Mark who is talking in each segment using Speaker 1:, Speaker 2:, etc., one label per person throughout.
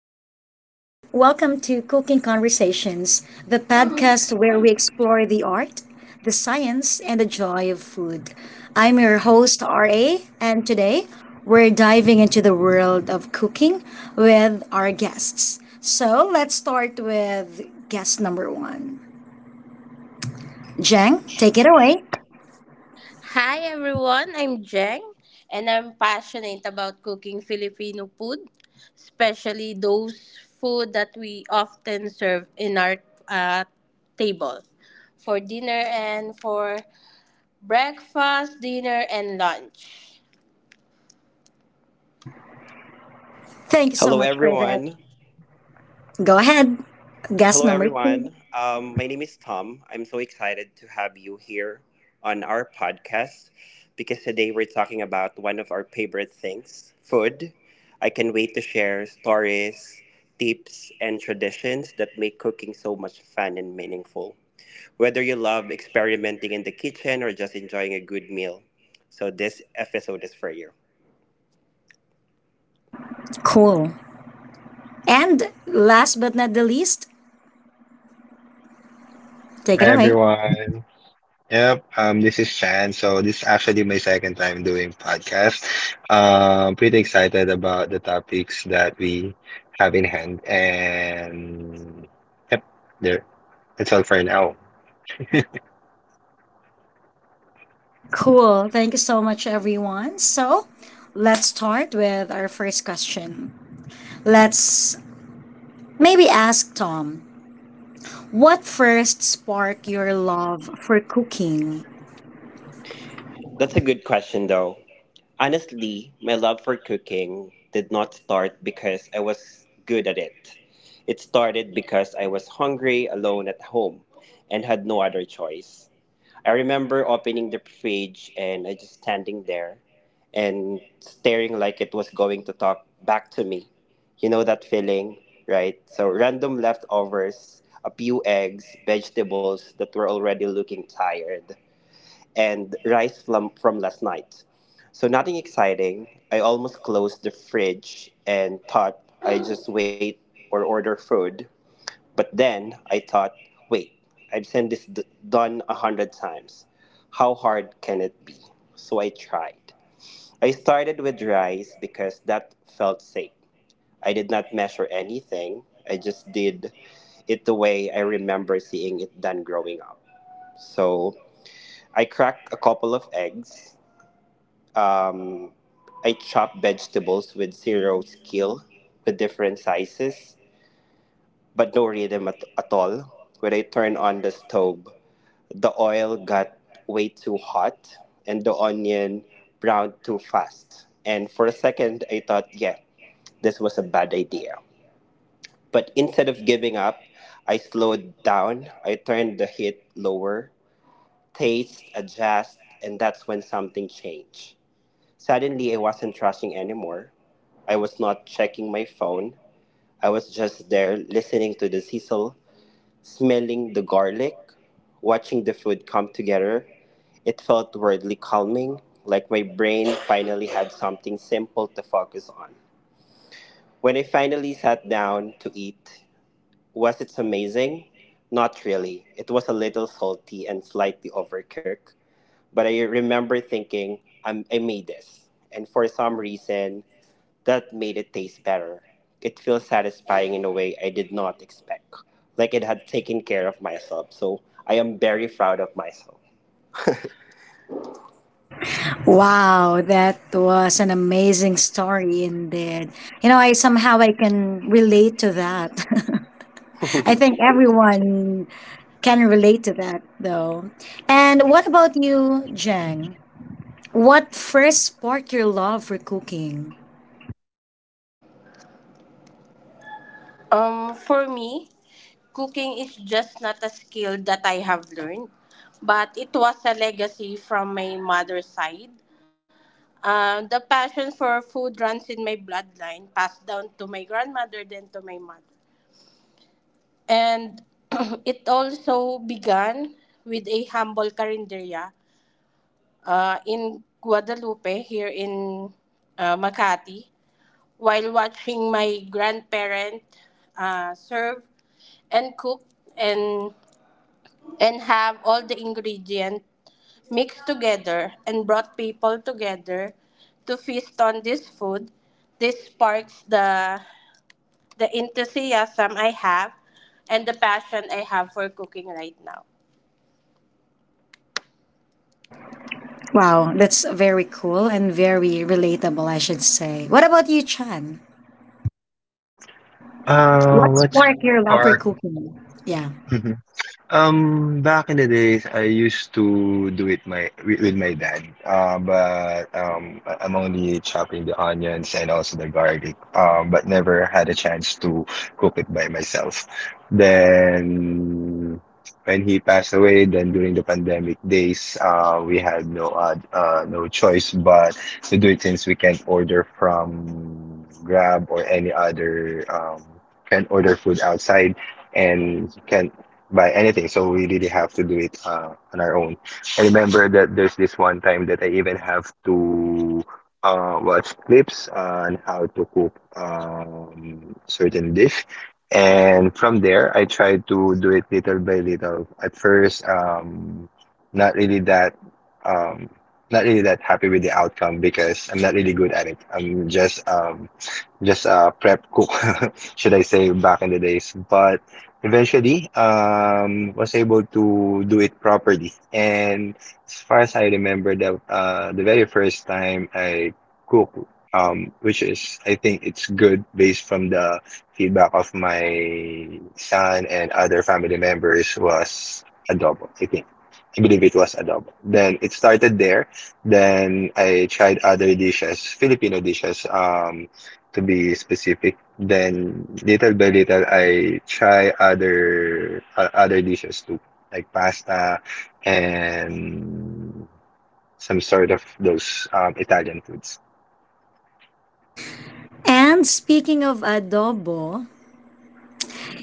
Speaker 1: Hello, everyone. Welcome to Cooking Conversations, the podcast where we explore the art, the science, and the joy of food. I'm your host, RA, and today we're diving into the world of cooking with our guests. So let's start with guest number one. Jang, take it away.
Speaker 2: Hi everyone, I'm Jeng and I'm passionate about cooking Filipino food, especially those food that we often serve in our uh, table for dinner and for breakfast, dinner and lunch.
Speaker 1: Thank you so
Speaker 3: Hello,
Speaker 1: much for that.
Speaker 3: everyone.
Speaker 1: Go ahead. Guest
Speaker 3: Hello,
Speaker 1: number two.
Speaker 3: everyone. My name is Tom. I'm so excited to have you here on our podcast because today we're talking about one of our favorite things, food. I can wait to share stories, tips, and traditions that make cooking so much fun and meaningful. Whether you love experimenting in the kitchen or just enjoying a good meal, so this episode is for you.
Speaker 1: Cool. And last but not the least, take it
Speaker 4: Hi,
Speaker 1: away.
Speaker 4: everyone. Yep, this is Chan. So this is actually my second time doing podcast. Pretty excited about the topics that we have in hand, and yep, there. That's all for now.
Speaker 1: Cool. Thank you so much, everyone. So let's start with our first question. Let's maybe ask Tom, what first sparked your love for cooking?
Speaker 3: That's a good question, though. Honestly, my love for cooking did not start because I was good at it. It started because I was hungry, alone at home, and had no other choice. I remember opening the fridge and I just standing there and staring like it was going to talk back to me. You know that feeling, right? So, random leftovers, a few eggs, vegetables that were already looking tired, and rice from last night. So nothing exciting. I almost closed the fridge and thought I just wait or order food. But then I thought, wait, I've sent done a hundred times. How hard can it be? So I tried. I started with rice because that felt safe. I did not measure anything. I just did it the way I remember seeing it done growing up. So I cracked a couple of eggs, um, I chop vegetables with zero skill, with different sizes, but no rhythm at all. When I turn on the stove, the oil got way too hot and the onion browned too fast. And for a second, I thought, yeah, this was a bad idea. But instead of giving up, I slowed down. I turned the heat lower, taste adjust, and that's when something changed. Suddenly, I wasn't rushing anymore. I was not checking my phone. I was just there listening to the sizzle, smelling the garlic, watching the food come together. It felt weirdly calming, like my brain finally had something simple to focus on. When I finally sat down to eat, was it amazing? Not really. It was a little salty and slightly overcooked, but I remember thinking, I made this. And for some reason, that made it taste better. It feels satisfying in a way I did not expect, like it had taken care of myself. So I am very proud of myself.
Speaker 1: Wow, that was an amazing story indeed. You know, I somehow I can relate to that. I think everyone can relate to that though. And what about you, Jen? What first sparked your love for cooking?
Speaker 2: For me, cooking is just not a skill that I have learned, but it was a legacy from my mother's side. The passion for food runs in my bloodline, passed down to my grandmother, then to my mother. And it also began with a humble carinderia in Guadalupe, here in Makati, while watching my grandparent serve and cook and and have all the ingredients mixed together and brought people together to feast on this food. This sparks the enthusiasm I have and the passion I have for cooking right now.
Speaker 1: Wow, that's very cool and very relatable, I should say. What about you, Chan? What
Speaker 4: What's us
Speaker 1: sparked your love for
Speaker 4: spark.
Speaker 1: cooking? Yeah.
Speaker 4: Back in the days, I used to do it with my dad. I'm only chopping the onions and also the garlic. But never had a chance to cook it by myself. Then when he passed away, then during the pandemic days, we had no choice but to do it, since we can't order from Grab or any other can order food outside and can buy anything. So we really have to do it on our own. I remember that there's this one time that I even have to watch clips on how to cook certain dish. And from there, I tried to do it little by little. At first, not really that um, not really that happy with the outcome because I'm not really good at it. I'm just a prep cook, should I say, back in the days. But eventually, was able to do it properly. And as far as I remember, the very first time I cook, which is I think it's good based from the feedback of my son and other family members was adobo. I believe it was adobo. Then it started there. Then I tried other dishes, Filipino dishes. To be specific. Then little by little, I try other dishes too, like pasta and some sort of those Italian foods.
Speaker 1: And speaking of adobo,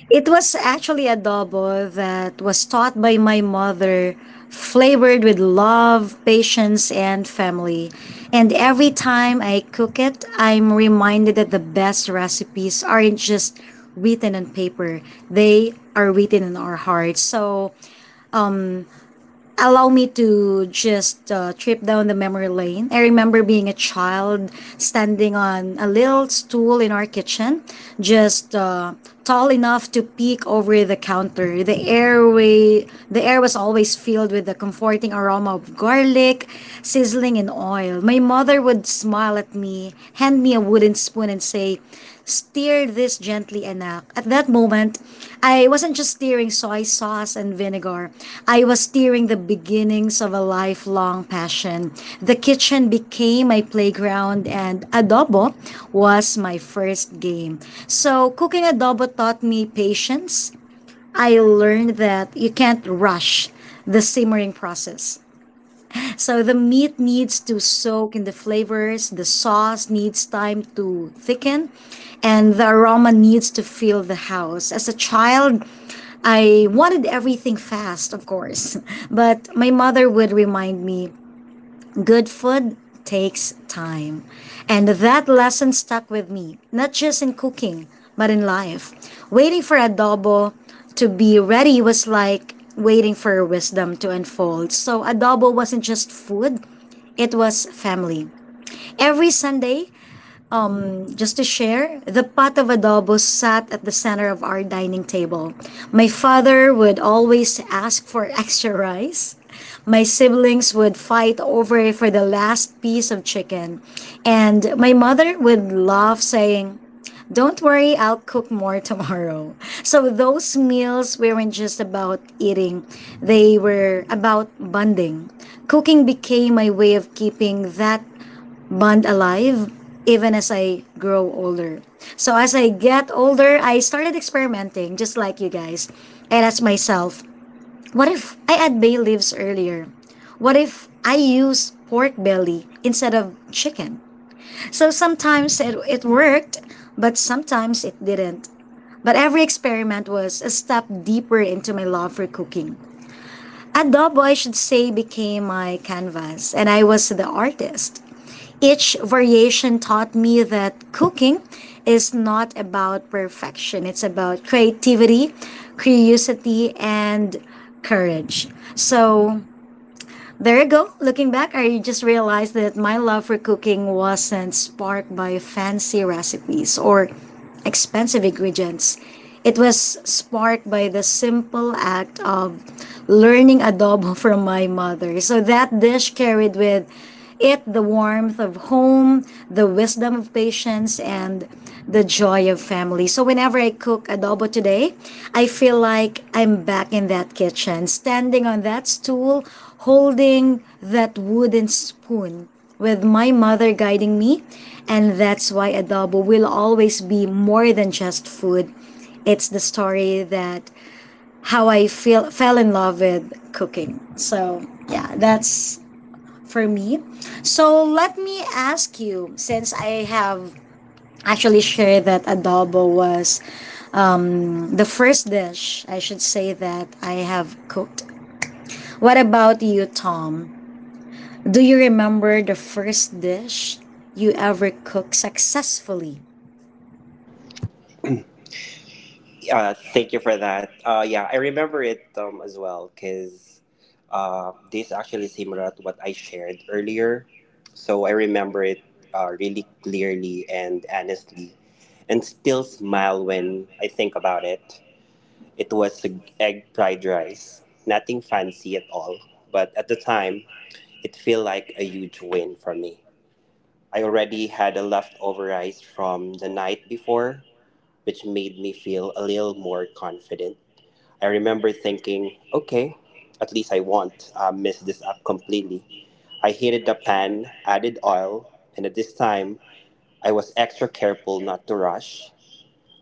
Speaker 1: it was actually adobo that was taught by my mother, flavored with love, patience, and family. And every time I cook it, I'm reminded that the best recipes aren't just written on paper, they are written in our hearts. So allow me to just trip down the memory lane. I remember being a child standing on a little stool in our kitchen, just tall enough to peek over the counter. The air was always filled with the comforting aroma of garlic sizzling in oil. My mother would smile at me, hand me a wooden spoon, and say, "Stir this gently enough." At that moment, I wasn't just stirring soy sauce and vinegar. I was stirring the beginnings of a lifelong passion. The kitchen became my playground, and adobo was my first game. So, cooking adobo taught me patience. I learned that you can't rush the simmering process. So the meat
Speaker 4: Yep.
Speaker 1: needs to soak in the flavors, the sauce needs time to thicken, and the aroma needs to fill the house. As a child, I wanted everything fast, of course, but my mother would remind me, "Good food takes time." And that lesson stuck with me, not just in cooking, but in life. Waiting for adobo to be ready was like waiting for wisdom to unfold. So, adobo wasn't just food, it was family. Every Sunday, just to share, the pot of adobo sat at the center of our dining table. My father would always ask for extra rice, my siblings would fight over for the last piece of chicken. And my mother would laugh, saying, "Don't worry, I'll cook more tomorrow." So those meals weren't just about eating, they were about bonding. Cooking became my way of keeping that bond alive even as I grow older. So as I get older, I started experimenting just like you guys and asked myself, what if I add bay leaves earlier? What if I use pork belly instead of chicken? So sometimes it worked, but sometimes it didn't. But every experiment was a step deeper into my love for cooking. Adobo, I should say, became my canvas, and I was the artist. Each variation taught me that cooking is not about perfection, it's about creativity, curiosity, and courage. So there you go. Looking back, I just realized that my love for cooking wasn't sparked by fancy recipes or expensive ingredients. It was sparked by the simple act of learning adobo from my mother. So that dish carried with it the warmth of home, the wisdom of patience, and the joy of family. So whenever I cook adobo today, I feel like I'm back in that kitchen, standing on that stool, holding that wooden spoon with my mother guiding me. And that's why adobo will always be more than just food. It's the story that how I feel fell in love with cooking. So yeah, that's for me. So let me ask you, since I have actually shared that adobo was the first dish, I should say, that I have cooked. What about you, Tom? Do you remember the first dish you ever cooked successfully?
Speaker 3: Thank you for that. Yeah, I remember it as well because this actually similar to what I shared earlier. So I remember it really clearly and honestly, and still smile when I think about it. It was egg fried rice, nothing fancy at all. But at the time, it feel like a huge win for me. I already had a leftover rice from the night before, which made me feel a little more confident. I remember thinking, okay, at least I won't mess this up completely. I heated the pan, added oil, and at this time, I was extra careful not to rush.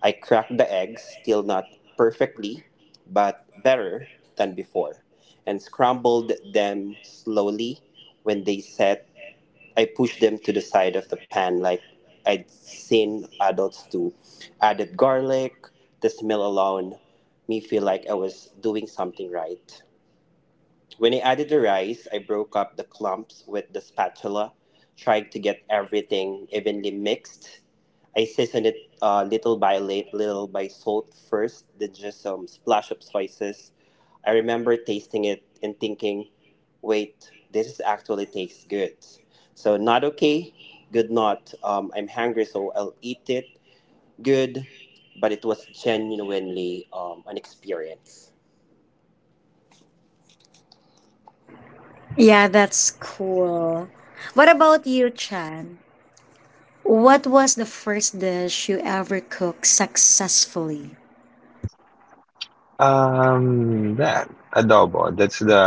Speaker 3: I cracked the eggs, still not perfectly, but better than before, and scrambled them slowly when they set. I pushed them to the side of the pan like I'd seen adults do. Added garlic, the smell alone, me feel like I was doing something right. When I added the rice, I broke up the clumps with the spatula, trying to get everything evenly mixed. I seasoned it little by late, little by salt first, then just some splash of soy sauce. I remember tasting it and thinking, wait, this is actually tastes good. So not okay, good not. I'm hungry, so I'll eat it. Good, but it was genuinely an experience.
Speaker 1: Yeah, that's cool. What about you, Chan? What was the first dish you ever cooked successfully?
Speaker 4: That adobo. That's the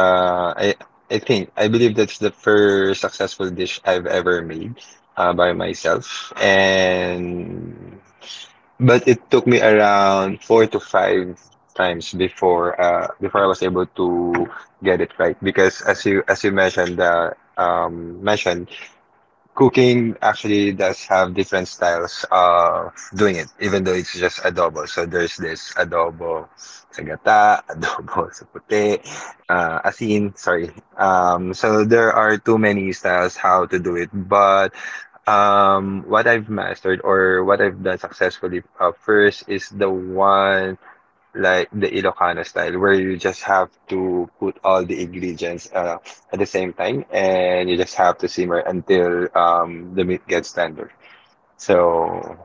Speaker 4: I think I believe that's the first successful dish I've ever made by myself. And But it took me around four to five times before I was able to get it right because as you mentioned, cooking actually does have different styles of doing it, even though it's just adobo. So there's this adobo sa gata, adobo sa puti, asin, sorry. So there are too many styles how to do it. But what I've mastered or what I've done successfully first is the one, like the Ilocano style, where you just have to put all the ingredients at the same time, and you just have to simmer until the meat gets tender. So,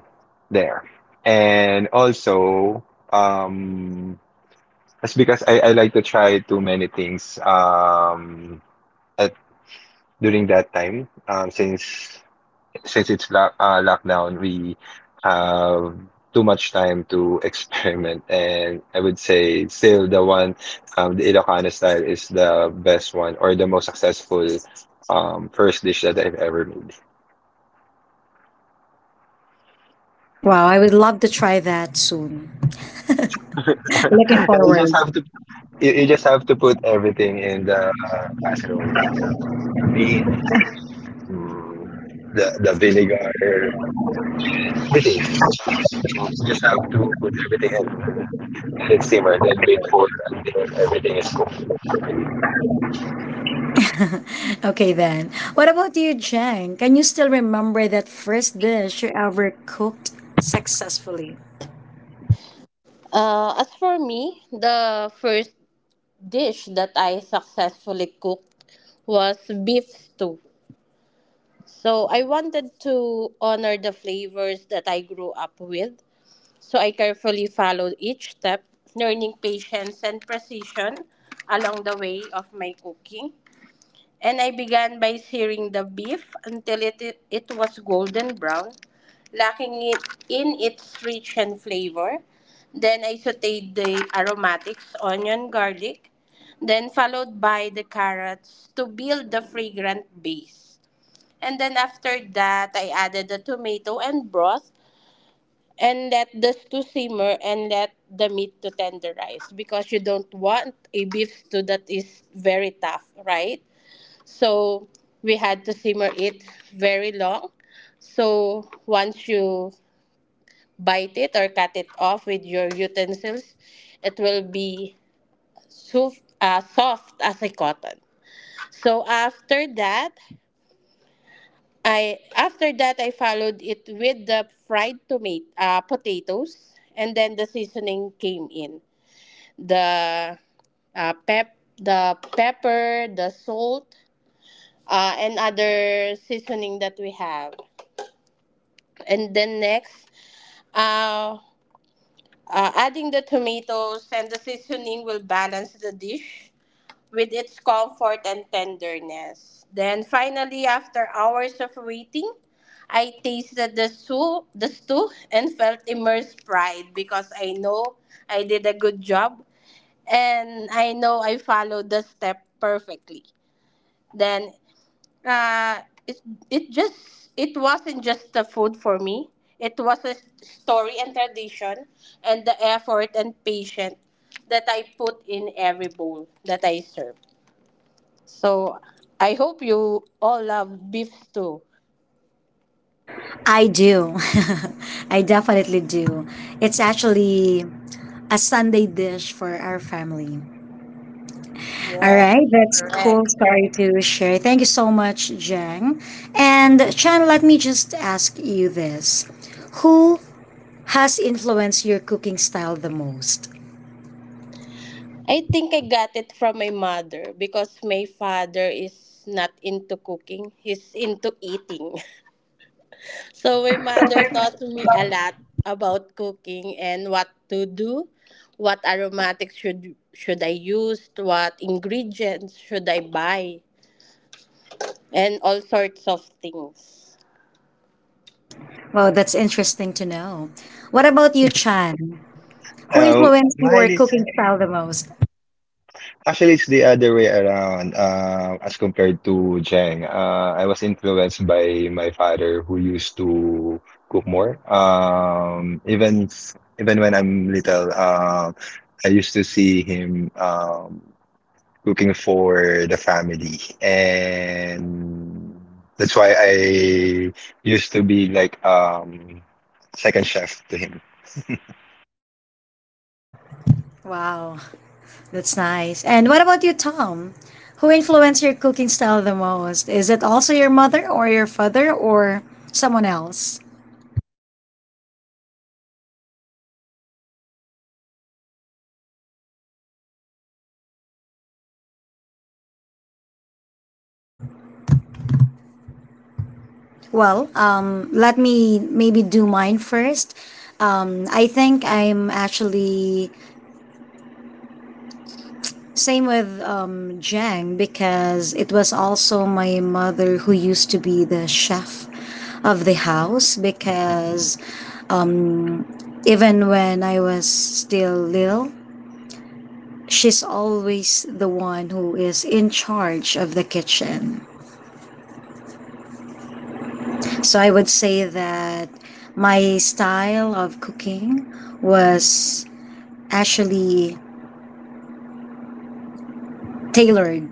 Speaker 4: there. And also, um, that's because I like to try too many things at during that time, since it's lockdown, we have too much time to experiment, and I would say still the Ilocano style is the best one or the most successful first dish that I've ever made.
Speaker 1: Wow, I would love to try that soon. Looking
Speaker 4: Yeah, you
Speaker 1: forward.
Speaker 4: just have to you just have to put everything in the casserole. You just have the meat, mm, the vinegar, everything. You just have to put everything in, let it simmer, then wait for until everything is cooked properly.
Speaker 1: Okay then. What about you, Jen? Can you still remember that first dish you ever cooked successfully?
Speaker 2: As for me, the first dish that I successfully cooked was beef stew. So I wanted to honor the flavors that I grew up with. So I carefully followed each step, learning patience and precision along the way of my cooking. And I began by searing the beef until it was golden brown, lacking it in its rich and flavor. Then I sauteed the aromatics, onion, garlic, then followed by the carrots to build the fragrant base. And then after that, I added the tomato and broth and let the stew simmer and let the meat to tenderize, because you don't want a beef stew that is very tough, right? So we had to simmer it very long. So once you bite it or cut it off with your utensils, it will be soft, soft as a cotton. So after that, I followed it with the fried tomato potatoes, and then the seasoning came in. The The pepper, the salt, and other seasoning that we have. And then next, uh, adding the tomatoes and the seasoning will balance the dish with its comfort and tenderness. Then finally, after hours of waiting, I tasted the soup, the stew, and felt immersed pride because I know I did a good job and I know I followed the step perfectly. Then uh, it it just it wasn't just the food for me. It was a story and tradition, and the effort and patience that I put in every bowl that I serve. So I hope you all love beef stew.
Speaker 1: I do. I definitely do. It's actually a Sunday dish for our family. All
Speaker 2: Yes.
Speaker 1: right, that's cool
Speaker 2: Correct.
Speaker 1: story to share. Thank you so much, Jen. And Chan, let me just ask you this. Who has influenced your cooking style the most?
Speaker 2: I think I got it from my mother because my father is not into cooking. He's into eating. So my mother taught me a lot about cooking and what to do, what aromatics should I use, what ingredients should I buy, and all sorts of things.
Speaker 1: Well, that's interesting to know. What about you, Chan? Who
Speaker 4: Um,
Speaker 1: influenced your
Speaker 4: Mine is
Speaker 1: cooking style the most?
Speaker 4: actually it's the other way around. As compared to Cheng, I was influenced by my father who used to cook more. Even when I'm little, I used to see him cooking for the family. And that's why I used to be like second chef to him.
Speaker 1: Wow, that's nice. And what about you, Tom? Who influenced your cooking style the most? Is it also your mother or your father or someone else?
Speaker 3: Sorry. Uh, so in who without a doubt, it's a woman in my family, especially my lola.
Speaker 1: Well,
Speaker 3: She
Speaker 1: let
Speaker 3: never
Speaker 1: me
Speaker 3: taught me how
Speaker 1: maybe do
Speaker 3: to
Speaker 1: mine
Speaker 3: cook in a
Speaker 1: first.
Speaker 3: formal way.
Speaker 1: I
Speaker 3: There
Speaker 1: think
Speaker 3: were no
Speaker 1: I'm
Speaker 3: written
Speaker 1: actually
Speaker 3: recipes, no exact measurements,
Speaker 1: same with
Speaker 3: and no
Speaker 1: Jang,
Speaker 3: step-by-step
Speaker 1: because it was
Speaker 3: instructions.
Speaker 1: also my mother who
Speaker 3: Everything
Speaker 1: used
Speaker 3: was
Speaker 1: to be the
Speaker 3: just, you
Speaker 1: chef
Speaker 3: know,
Speaker 1: of the house
Speaker 3: giving you like
Speaker 1: because
Speaker 3: just your
Speaker 1: um,
Speaker 3: feeling
Speaker 1: Even
Speaker 3: on how
Speaker 1: when
Speaker 3: you
Speaker 1: I
Speaker 3: are gonna
Speaker 1: was
Speaker 3: put it.
Speaker 1: still little,
Speaker 3: So it
Speaker 1: she's
Speaker 3: says like,
Speaker 1: always the one
Speaker 3: um,
Speaker 1: who is in
Speaker 3: just
Speaker 1: charge of
Speaker 3: taste
Speaker 1: the
Speaker 3: it so
Speaker 1: kitchen.
Speaker 3: that you can, you know, feel
Speaker 1: So
Speaker 3: that.
Speaker 1: I would say that
Speaker 3: I didn't really
Speaker 1: my
Speaker 3: understand.
Speaker 1: style of cooking was actually tailored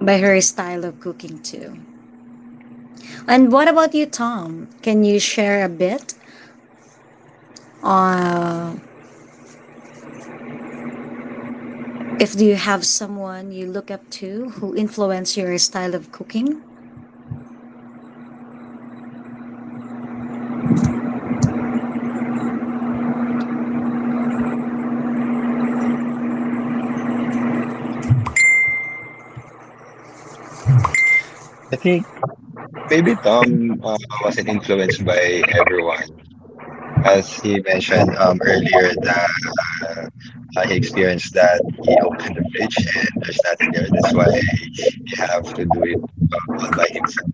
Speaker 1: by her style of cooking too. And what about you, Tom? Can you share a bit,
Speaker 3: Hello?
Speaker 1: uh, if you have someone you look up
Speaker 3: Hello?
Speaker 1: to who influence your style of cooking?
Speaker 4: I think maybe Tom wasn't influenced by everyone. As he mentioned earlier that uh, he experienced that he opened the fridge and there's nothing there. That's why he have to do it all by himself.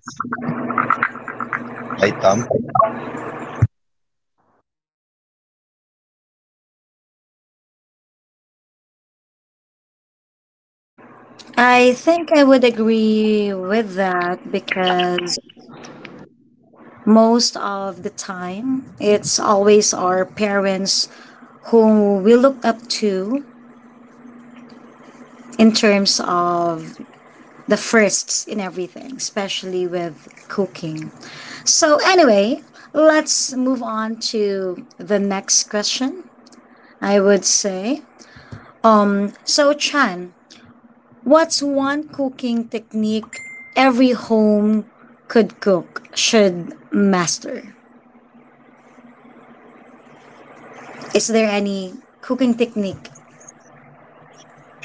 Speaker 4: Right, Tom?
Speaker 1: I think I would agree with that because most of the time it's always our parents who we look up to in terms of the firsts in everything, especially with cooking. So anyway, let's move on to the next question, I would say. So Chan, what's one cooking technique every home could cook should master? Is there any cooking technique?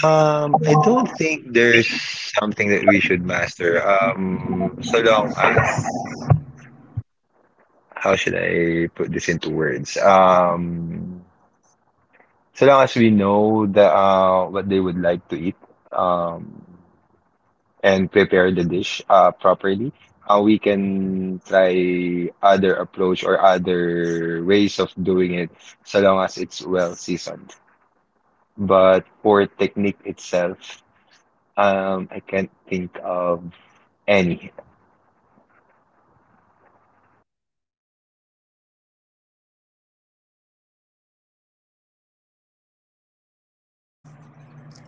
Speaker 4: I don't think there's something that we should master. How should I put this into words? So long as we know the what they would like to eat, um, and prepare the dish properly, we can try other approach or other ways of doing it, so long as it's well seasoned. But for technique itself, I can't think of any.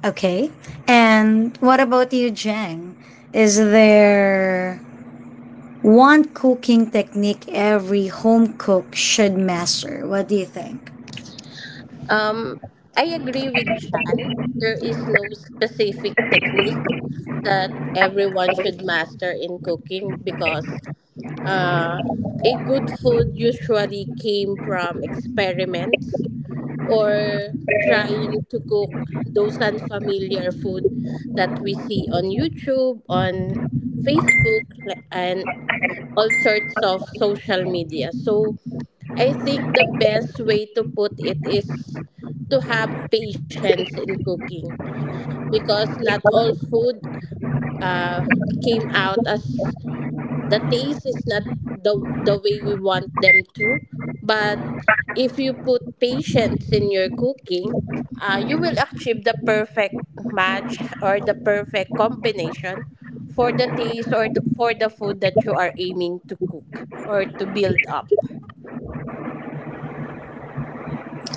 Speaker 1: Okay. And what about you, Jang? Is there one cooking technique every home cook should master? What do you think?
Speaker 2: Um, I agree with Jan. There is no specific technique that everyone should master in cooking, because uh, a good food usually came from experiments or trying to cook those unfamiliar food that we see on YouTube, on Facebook, and all sorts of social media. So I think the best way to put it is to have patience in cooking, because not all food uh, came out as the taste is not the way we want them to, but if you put patience in your cooking, you will achieve the perfect match or the perfect combination for the taste or for the food that you are aiming to cook or to build up.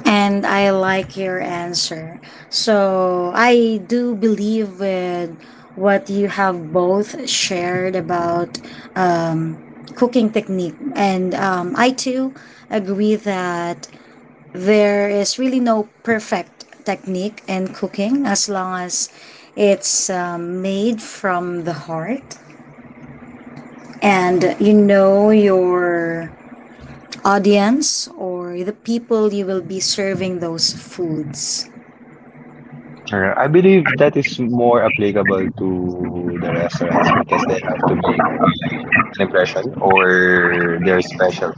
Speaker 1: And I like your answer. So I do believe with what you have both shared about cooking technique. And I too agree that there is really no perfect technique in cooking as long as it's
Speaker 3: Hello?
Speaker 1: made from the heart
Speaker 3: Hello?
Speaker 1: and you know your audience or the people you will be serving those foods.
Speaker 4: I believe that is more applicable to the restaurants, because they have to make an impression or they're special.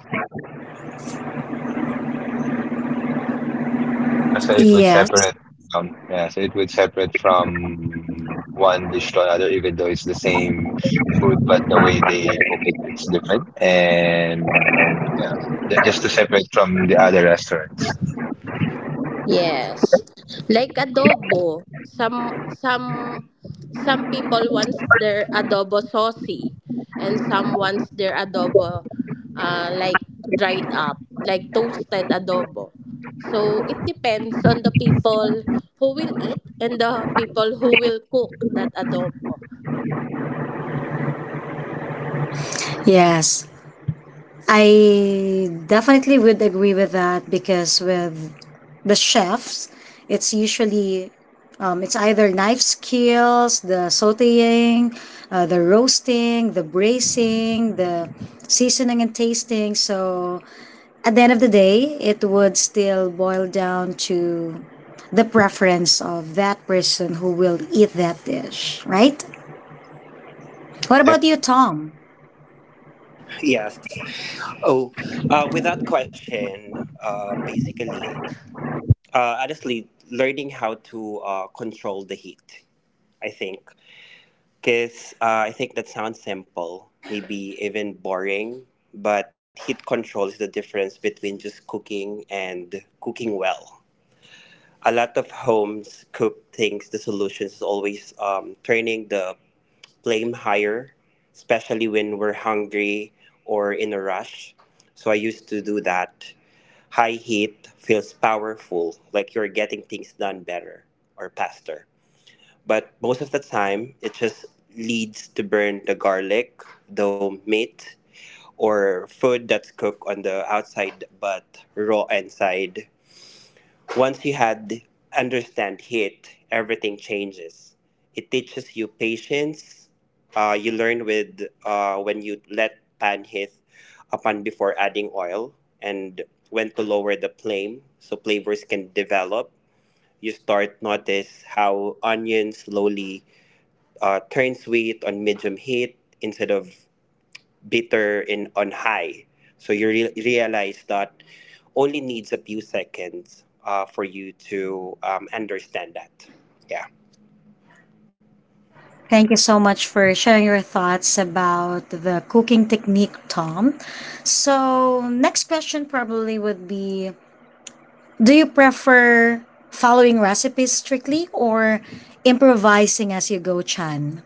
Speaker 4: Yeah, so it would
Speaker 1: Yes,
Speaker 4: separate, yeah, so it would separate from one dish to another, even though it's the same food, but the way they cook it, it's different. And yeah, just to separate from the other restaurants.
Speaker 2: Yes. Like adobo. Some people wants their adobo saucy and some wants their adobo, uh, like dried up, like toasted adobo. So it depends on the people who will eat and the people who will cook that adobo.
Speaker 1: yes. I definitely would agree with that because with the chefs, it's usually it's either knife skills, the sauteing, the roasting, the bracing, the seasoning and tasting. So at the end of the day, it would still boil down to the preference of that person who will eat that dish, right? What
Speaker 4: Yep.
Speaker 1: about you, Tom?
Speaker 5: Yes. Oh, with that question, basically, honestly, learning how to control the heat, I think. Because I think that sounds simple, maybe even boring, but heat control is the difference between just cooking and cooking well. A lot of homes cook things, the solution is always turning the flame higher, especially when we're hungry or in a rush. So I used to do that. High heat feels powerful, like you're getting things done better or faster. But most of the time, it just leads to burn the garlic, the meat, or food that's cooked on the outside but raw inside once you had understand heat, everything changes. It teaches you patience. You learn with when you let pan heat upon before adding oil and when to lower the flame so flavors can develop. You start notice how onion slowly turn sweet on medium heat instead of bitter in on high. So you realize that only needs a few seconds for you to understand that. Yeah.
Speaker 1: Thank you so much for sharing your thoughts about the cooking technique, Tom. So, next question probably would be: do you prefer following recipes strictly or improvising as you go, Chan?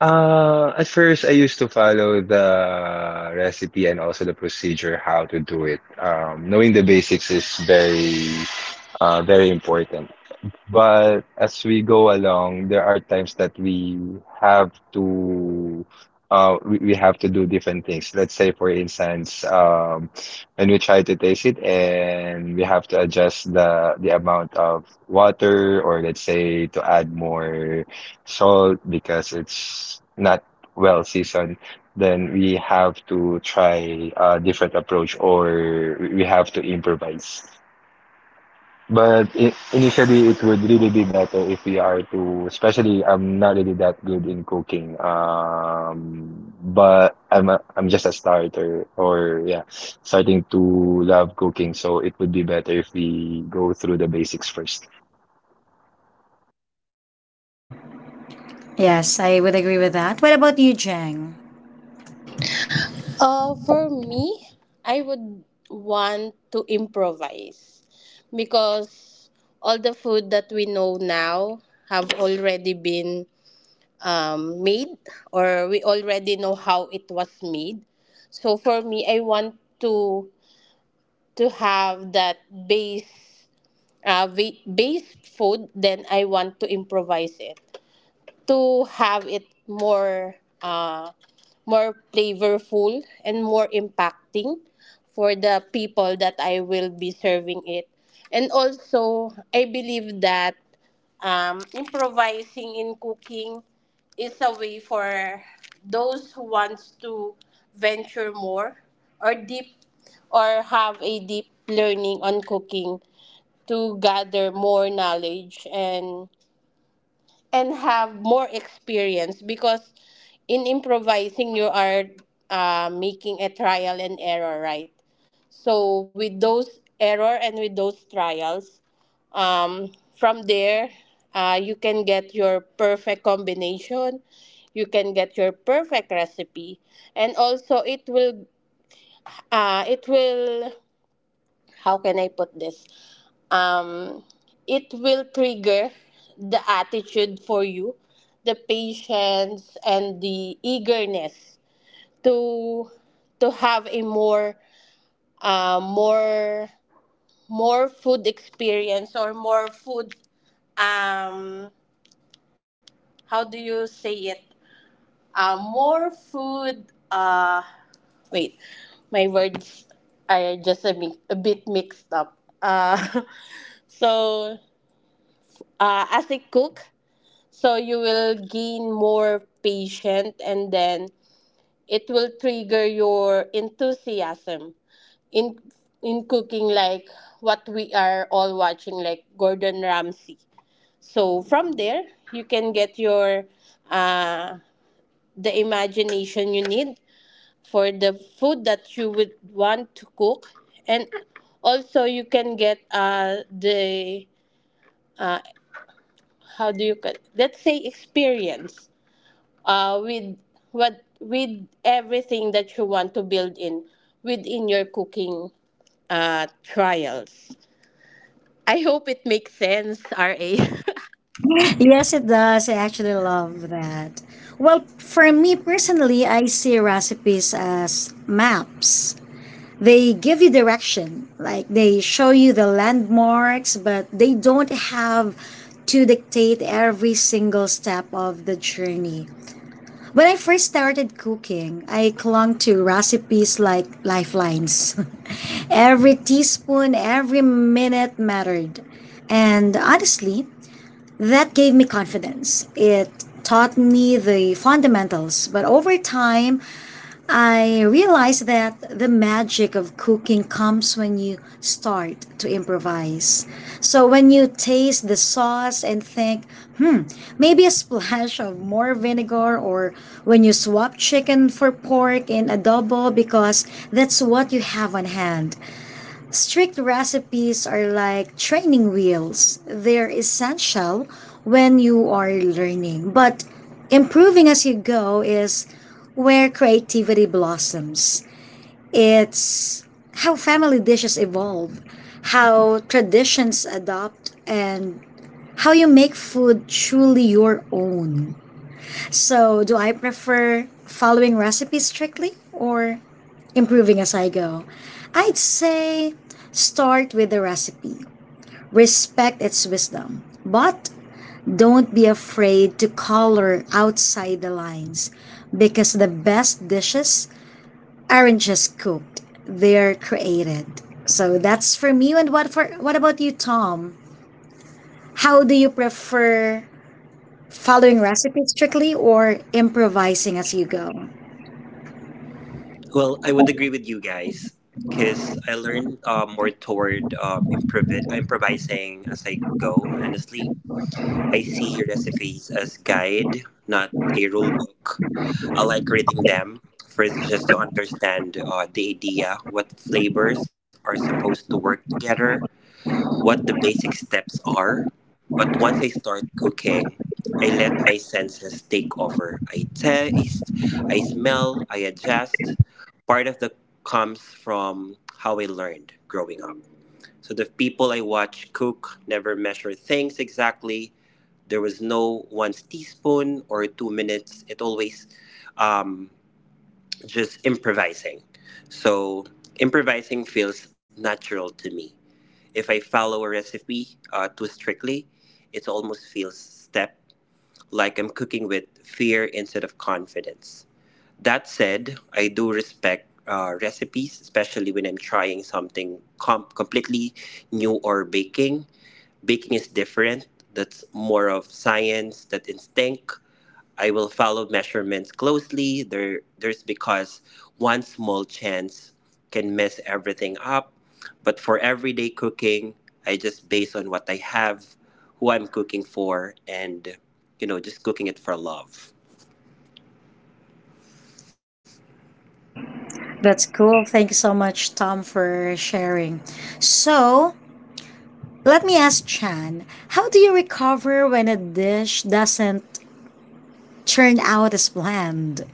Speaker 4: At first, I used to follow the recipe and also the procedure how to do it. Knowing the basics is very important. But as we go along, there are times that we have to we have to do different things. Let's say for instance, when we try to taste it and we have to adjust the amount of water, or let's say to add more salt because it's not well seasoned, then we have to try a different approach, or we have to improvise. But I initially, it would really be better if we are to, especially I'm not really that good in cooking. I'm just a starter, or yeah, starting to love cooking. So it would be better if we go through the basics first.
Speaker 1: Yes, I would agree with that. What about you, Jang?
Speaker 2: For me, I would want to improvise, because all the food that we know now have already been, made, or we already know how it was made. So for me, I want to to have that base base food. Then I want to improvise it to have it more, more flavorful, and more impacting for the people that I will be serving it. And also, I believe that improvising in cooking is a way for those who wants to venture more or deep or have a deep learning on cooking to gather more knowledge and have more experience, because in improvising you are, making a trial and error, right? So with those error and with those trials, um, from there, you can get your perfect combination, you can get your perfect recipe, and also it will, uh, it will how can I put this, um, it will trigger the attitude for you, the patience and the eagerness to have a more, uh, more more food experience or more food, um how do you say it, more food, uh wait, my words are just a, a bit mixed up. uh so, as a cook, so you will gain more patience, and then it will trigger your enthusiasm in cooking, like what we are all watching, like Gordon Ramsay. So from there you can get your, uh the imagination you need for the food that you would want to cook, and also you can get, the uh how do you call, let's say experience with what with everything that you want to build in within your cooking trials. I hope it makes sense, RA.
Speaker 1: Yes, it does. I actually love that. Well, for me personally, I see recipes as maps. They give you direction, like they show you the landmarks, but they don't have to dictate every single step of the journey. When I first started cooking, I clung to recipes like lifelines. Every teaspoon, every minute mattered, and honestly, that gave me confidence. It taught me the fundamentals, but over time I realized that the magic of cooking comes when you start to improvise. So when you taste the sauce and think maybe a splash of more vinegar, or when you swap chicken for pork in adobo because that's what you have on hand. Strict recipes are like training wheels. They're essential when you are learning, but improving as you go is where creativity blossoms. It's how family dishes evolve, how traditions adopt, and how you make food truly your own. So, do I prefer following recipes strictly or improving as I go? I'd say start with the recipe, respect its wisdom, but don't be afraid to color outside the lines, because the best dishes aren't just cooked; they're created. So that's for me. And what for? What about you, Tom? How do you prefer following recipes strictly or improvising as you go?
Speaker 5: Well, I would agree with you guys because I learned more toward improvising as I go. Honestly, I see recipes as guide, not a rule book. I like reading them first just to understand the idea, what flavors are supposed to work together what the basic steps are. But once I start cooking, I let my senses take over. I taste, I smell, I adjust. Part of the comes from how I learned growing up. So the people I watch cook never measure things exactly. There was no one teaspoon or 2 minutes. It always um, just improvising. So improvising feels natural to me if I follow a recipe too strictly, it almost feels step like I'm cooking with fear instead of confidence. That said, I do respect recipes, especially when I'm trying something completely new or baking. Baking is different. That's more of science, that instinct I will follow measurements closely. There's because one small chance can mess everything up. But for everyday cooking, I just base on what I have, who I'm cooking for, and you know, just cooking it for love.
Speaker 1: That's cool. Thank you so much, Tom, for sharing. So let me ask Chan: how do you recover when a dish doesn't turn out as planned?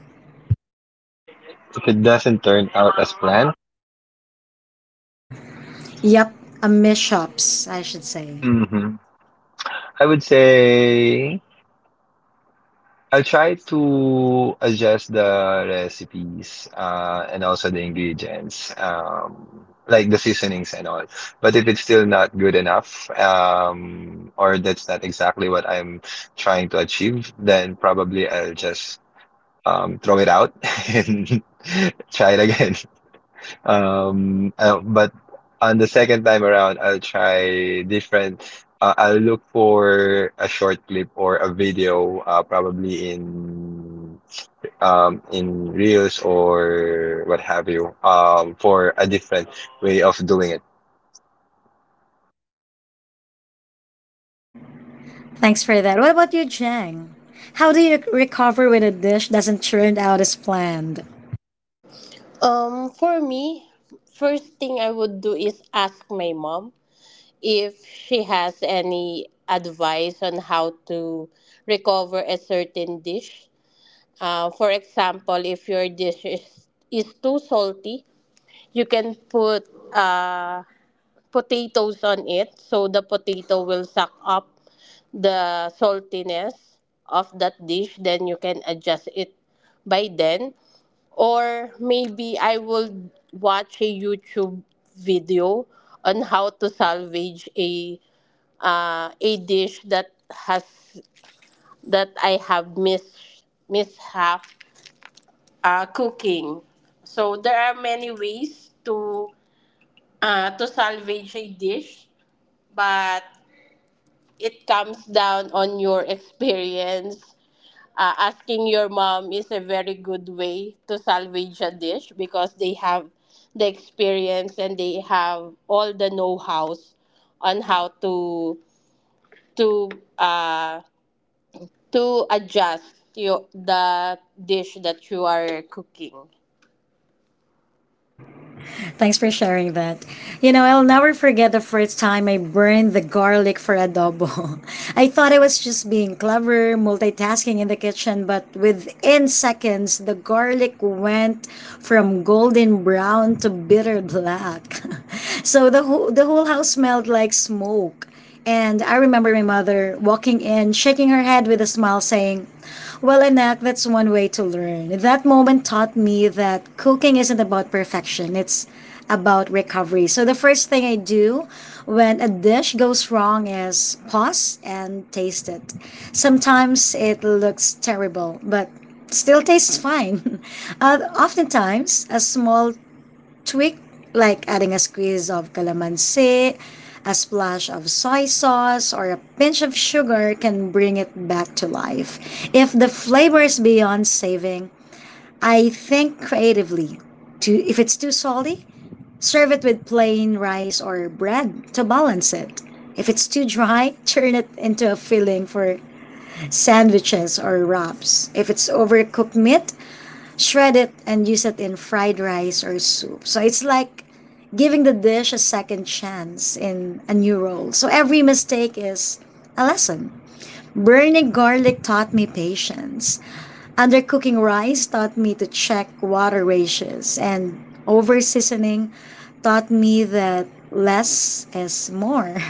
Speaker 4: If it doesn't turn out as planned,
Speaker 1: Yep, a mishaps, I should say.
Speaker 4: hmm I would say, I'll try to adjust the recipes and also the ingredients, like the seasonings and all. But if it's still not good enough, or that's not exactly what I'm trying to achieve, then probably I'll just throw it out and try it again. But on the second time around, I'll try different. I'll look for a short clip or a video, probably in Reels or what have you, for a different way of doing it.
Speaker 1: Thanks for that. What about you, Chang? How do you recover when a dish doesn't turn out as planned?
Speaker 2: For me, first thing I would do is ask my mom if she has any advice on how to recover a certain dish. For example, if your dish is too salty, you can put, uh, potatoes on it so the potato will suck up the saltiness of that dish, then you can adjust it by then. Or maybe I will watch a YouTube video on how to salvage a, a dish that has that I have mis mishap cooking. So there are many ways to, to salvage a dish, but it comes down on your experience. Asking your mom is a very good way to salvage a dish, because they have the experience and they have all the know-hows on how to to uh, to adjust your, the dish that you are cooking.
Speaker 1: Thanks for sharing that. You know, I'll never forget the first time I burned the garlic for adobo. I thought I was just being clever, multitasking in the kitchen, but within seconds, the garlic went from golden brown to bitter black. So the whole house smelled like smoke. And I remember my mother walking in, shaking her head with a smile, saying, "Well, anak, that's one way to learn." That moment taught me that cooking isn't about perfection, it's about recovery. So the first thing I do when a dish goes wrong is pause and taste it. Sometimes it looks terrible, but still tastes fine. Oftentimes, a small tweak, like adding a squeeze of calamansi, a splash of soy sauce, or a pinch of sugar can bring it back to life. If the flavor is beyond saving, I think creatively. Too, if it's too salty, serve it with plain rice or bread to balance it. If it's too dry, turn it into a filling for sandwiches or wraps. If it's overcooked meat, shred it and use it in fried rice or soup. So it's like giving the dish a second chance in a new role. So every mistake is a lesson. Burning garlic taught me patience. Undercooking rice taught me to check water ratios, and over seasoning taught me that less is more.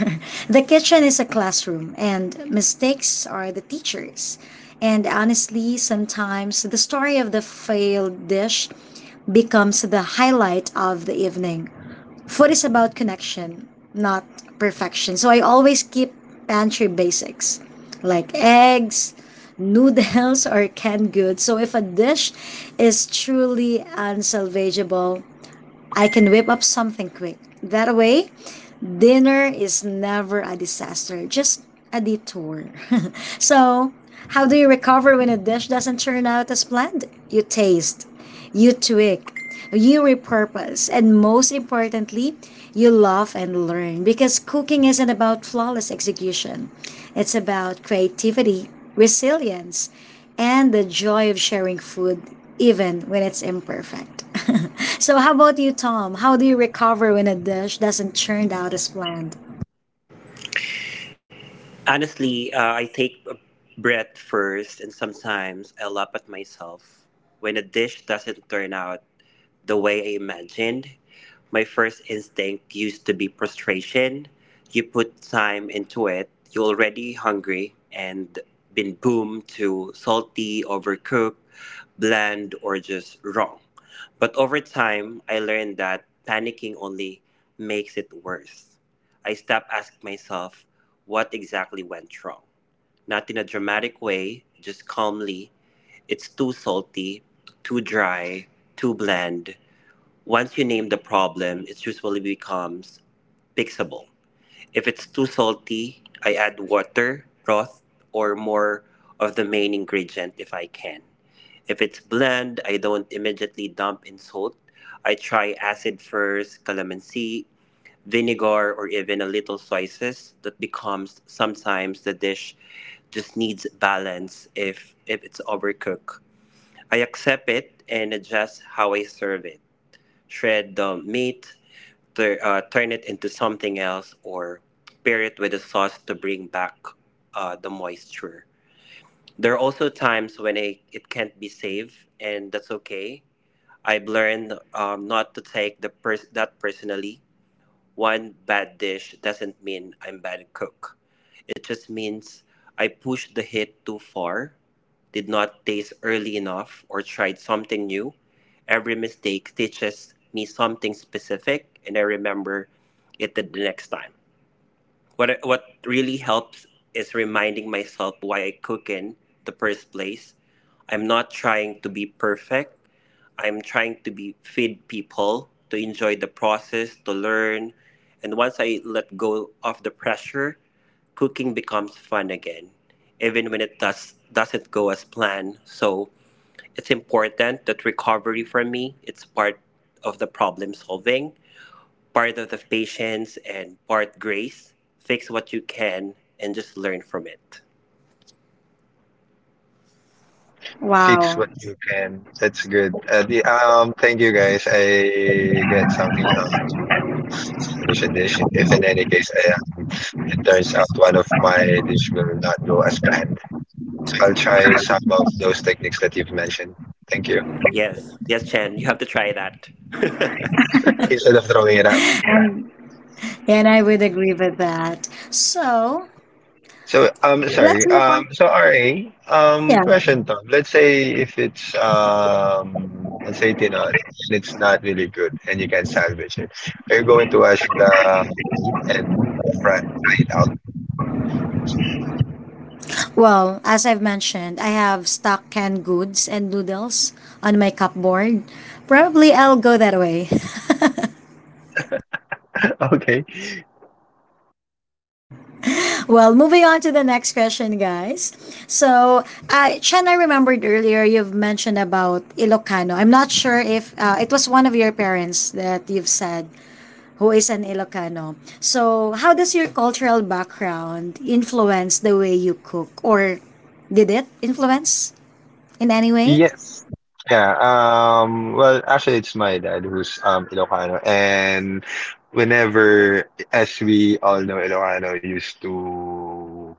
Speaker 1: The kitchen is a classroom, and mistakes are the teachers. And honestly, sometimes the story of the failed dish becomes the highlight of the evening. Food is about connection, not perfection. So I always keep pantry basics like eggs, noodles, or canned goods. So if a dish is truly unsalvageable, I can whip up something quick. That way, dinner is never a disaster, just a detour. So, how do you recover when a dish doesn't turn out as planned? You taste, you tweak, you repurpose, and most importantly, you love and learn because cooking isn't about flawless execution. It's about creativity, resilience, and the joy of sharing food even when it's imperfect. So how about you, Tom? How do you recover when a dish doesn't turn out as planned?
Speaker 5: Honestly, I take a breath first, and sometimes I laugh at myself. When a dish doesn't turn out the way I imagined, my first instinct used to be frustration. You put time into it, you're already hungry, and been boomed to salty, overcooked, bland, or just wrong. But over time, I learned that panicking only makes it worse. I stopped asking myself what exactly went wrong. Not in a dramatic way, just calmly. It's too salty, too dry, too bland. Once you name the problem, it usually becomes fixable. If it's too salty, I add water, broth, or more of the main ingredient if I can. If it's bland, I don't immediately dump in salt. I try acid first, calamansi, vinegar, or even a little soy sauce that becomes sometimes the dish just needs balance if it's overcooked. I accept it and adjust how I serve it. Shred the meat, turn it into something else, or pair it with a sauce to bring back the moisture. There are also times when I, it can't be saved, and that's okay. I've learned not to take that personally. One bad dish doesn't mean I'm bad cook. It just means I pushed the heat too far, did not taste early enough, or tried something new. Every mistake teaches me something specific, and I remember it the next time. What really helps is reminding myself why I cook in the first place. I'm not trying to be perfect. I'm trying to be feed people, to enjoy the process, to learn. And once I let go of the pressure, cooking becomes fun again, even when it does doesn't go as planned. So it's important that recovery for me it's part of the problem solving part of the patience and part grace. Fix what you can and just learn from it.
Speaker 4: Fix
Speaker 1: Wow.
Speaker 4: what you can. That's good. Thank you, guys. I get something how to finish a dish. If in any case, it turns out one of my dish will not go as planned. So I'll try some of those techniques that you've mentioned. Thank you.
Speaker 5: Yes, yes, Chen, you have to try that.
Speaker 4: Instead of throwing it out.
Speaker 1: And I would agree with that. So, let's
Speaker 4: Sorry.
Speaker 1: move on.
Speaker 4: So, RA,
Speaker 1: Yeah.
Speaker 4: question, Tom. Let's say if it's let's say tinod, and it's not really good and you can salvage it. Are you going to wash the meat and fry it
Speaker 1: Well, as I've mentioned, I have stock canned goods and noodles on my cupboard. Probably I'll go that way.
Speaker 4: out? Okay.
Speaker 1: Well, moving on to the next question, guys. So, Chen, I remembered earlier you've mentioned about Ilocano. I'm not sure if it was one of your parents that you've said who is an Ilocano. So, how does your cultural background influence the way you cook, or did it influence in any way?
Speaker 4: Yes. Yeah. Well, actually, it's my dad who's Ilocano, and whenever, as we all know, Ilocano used to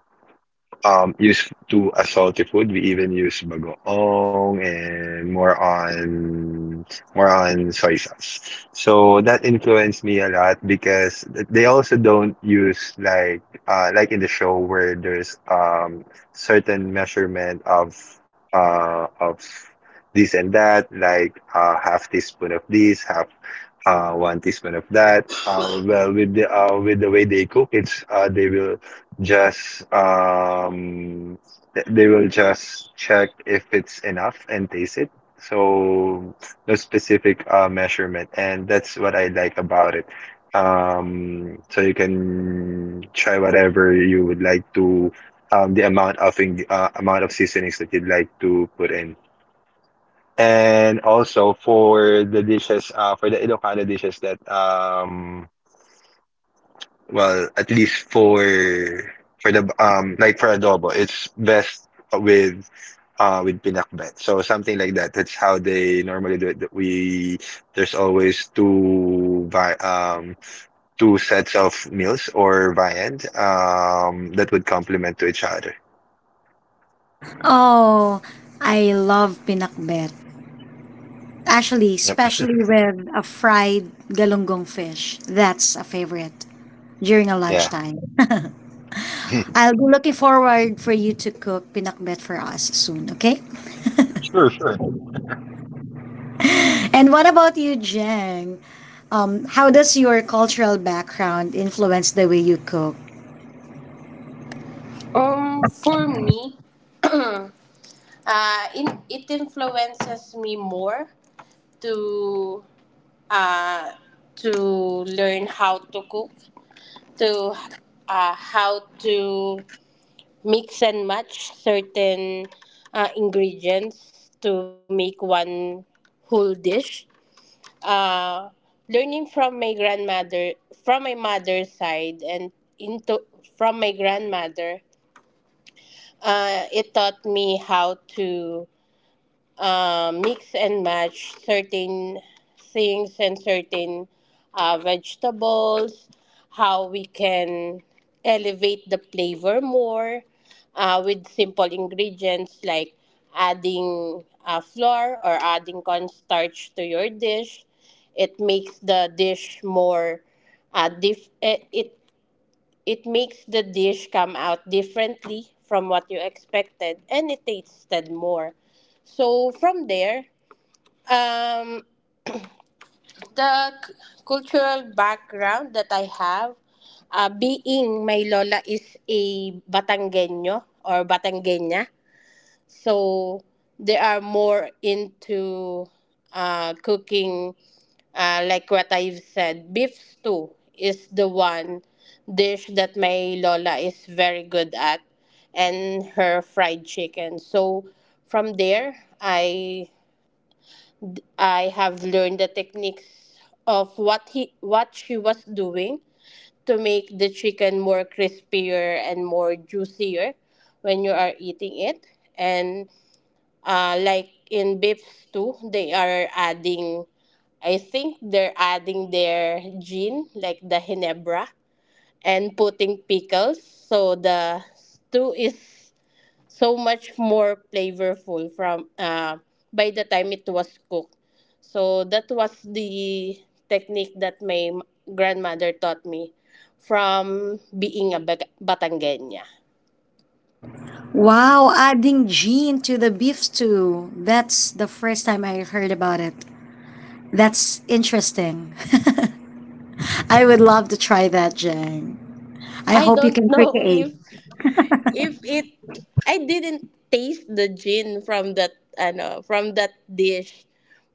Speaker 4: um used to a salty food. We even use bagoong and more on soy sauce. So that influenced me a lot because they also don't use like in the show where there's certain measurement of uh of this and that, like half teaspoon of this, half one teaspoon of that. Well, with the way they cook, it's they will just they will just check if it's enough and taste it. So no specific measurement, and that's what I like about it. So you can try whatever you would like to, the amount of amount of seasonings that you'd like to put in. And also for the dishes, for the Ilocano dishes that, well, at least for the like for adobo, it's best with with pinakbet. So something like that. That's how they normally do it. That We There's always two sets of meals or viand that would complement to each other.
Speaker 1: Oh, I love pinakbet. Actually,
Speaker 4: Yep.
Speaker 1: especially with a fried galunggong fish. That's a favorite during a
Speaker 4: Yeah.
Speaker 1: lunchtime. I'll be looking forward for you to cook pinakbet for us soon, okay?
Speaker 4: Sure. Sure.
Speaker 1: And what about you, Jeng? How does your cultural background influence the way you cook?
Speaker 2: For me, uh, it influences me more to, uh, to learn how to cook, to, how to mix and match certain, ingredients to make one whole dish. Uh, learning from my grandmother, from my mother's side, and into from my grandmother, it taught me how to, mix and match certain things and certain, vegetables, how we can elevate the flavor more, with simple ingredients like adding, flour or adding cornstarch to your dish. It makes the dish more, it it makes the dish come out differently from what you expected and it tasted more. So from there, um, the c- cultural background that I have, being my lola is a Batanggenyo or Batanggeña, so they are more into, cooking, like what I've said, beef stew is the one dish that my Lola is very good at, and her fried chicken. So from there, I I have learned the techniques of what she was doing to make the chicken more crispier and more juicier when you are eating it, and, like in beefs too, they are adding. I think they're adding their gin, like the Hinebra, and putting pickles. So the stew is so much more flavorful from, by the time it was cooked. So that was the technique that grandmother taught me from being a Batangueña.
Speaker 1: Wow, adding gin to the beef stew. That's the first time I heard about it. That's interesting. I would love to try that, Jeng. I
Speaker 2: I
Speaker 1: hope you
Speaker 2: don't
Speaker 1: can cook an
Speaker 2: know
Speaker 1: egg.
Speaker 2: if it I didn't taste the gin from that ano from that dish.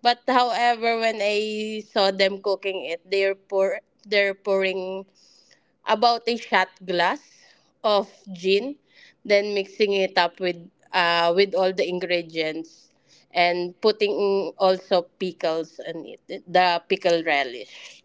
Speaker 2: But however, when I saw them cooking it, they're pouring about a shot glass of gin, then mixing it up with, with all the ingredients, and putting also pickles in it, the pickle relish.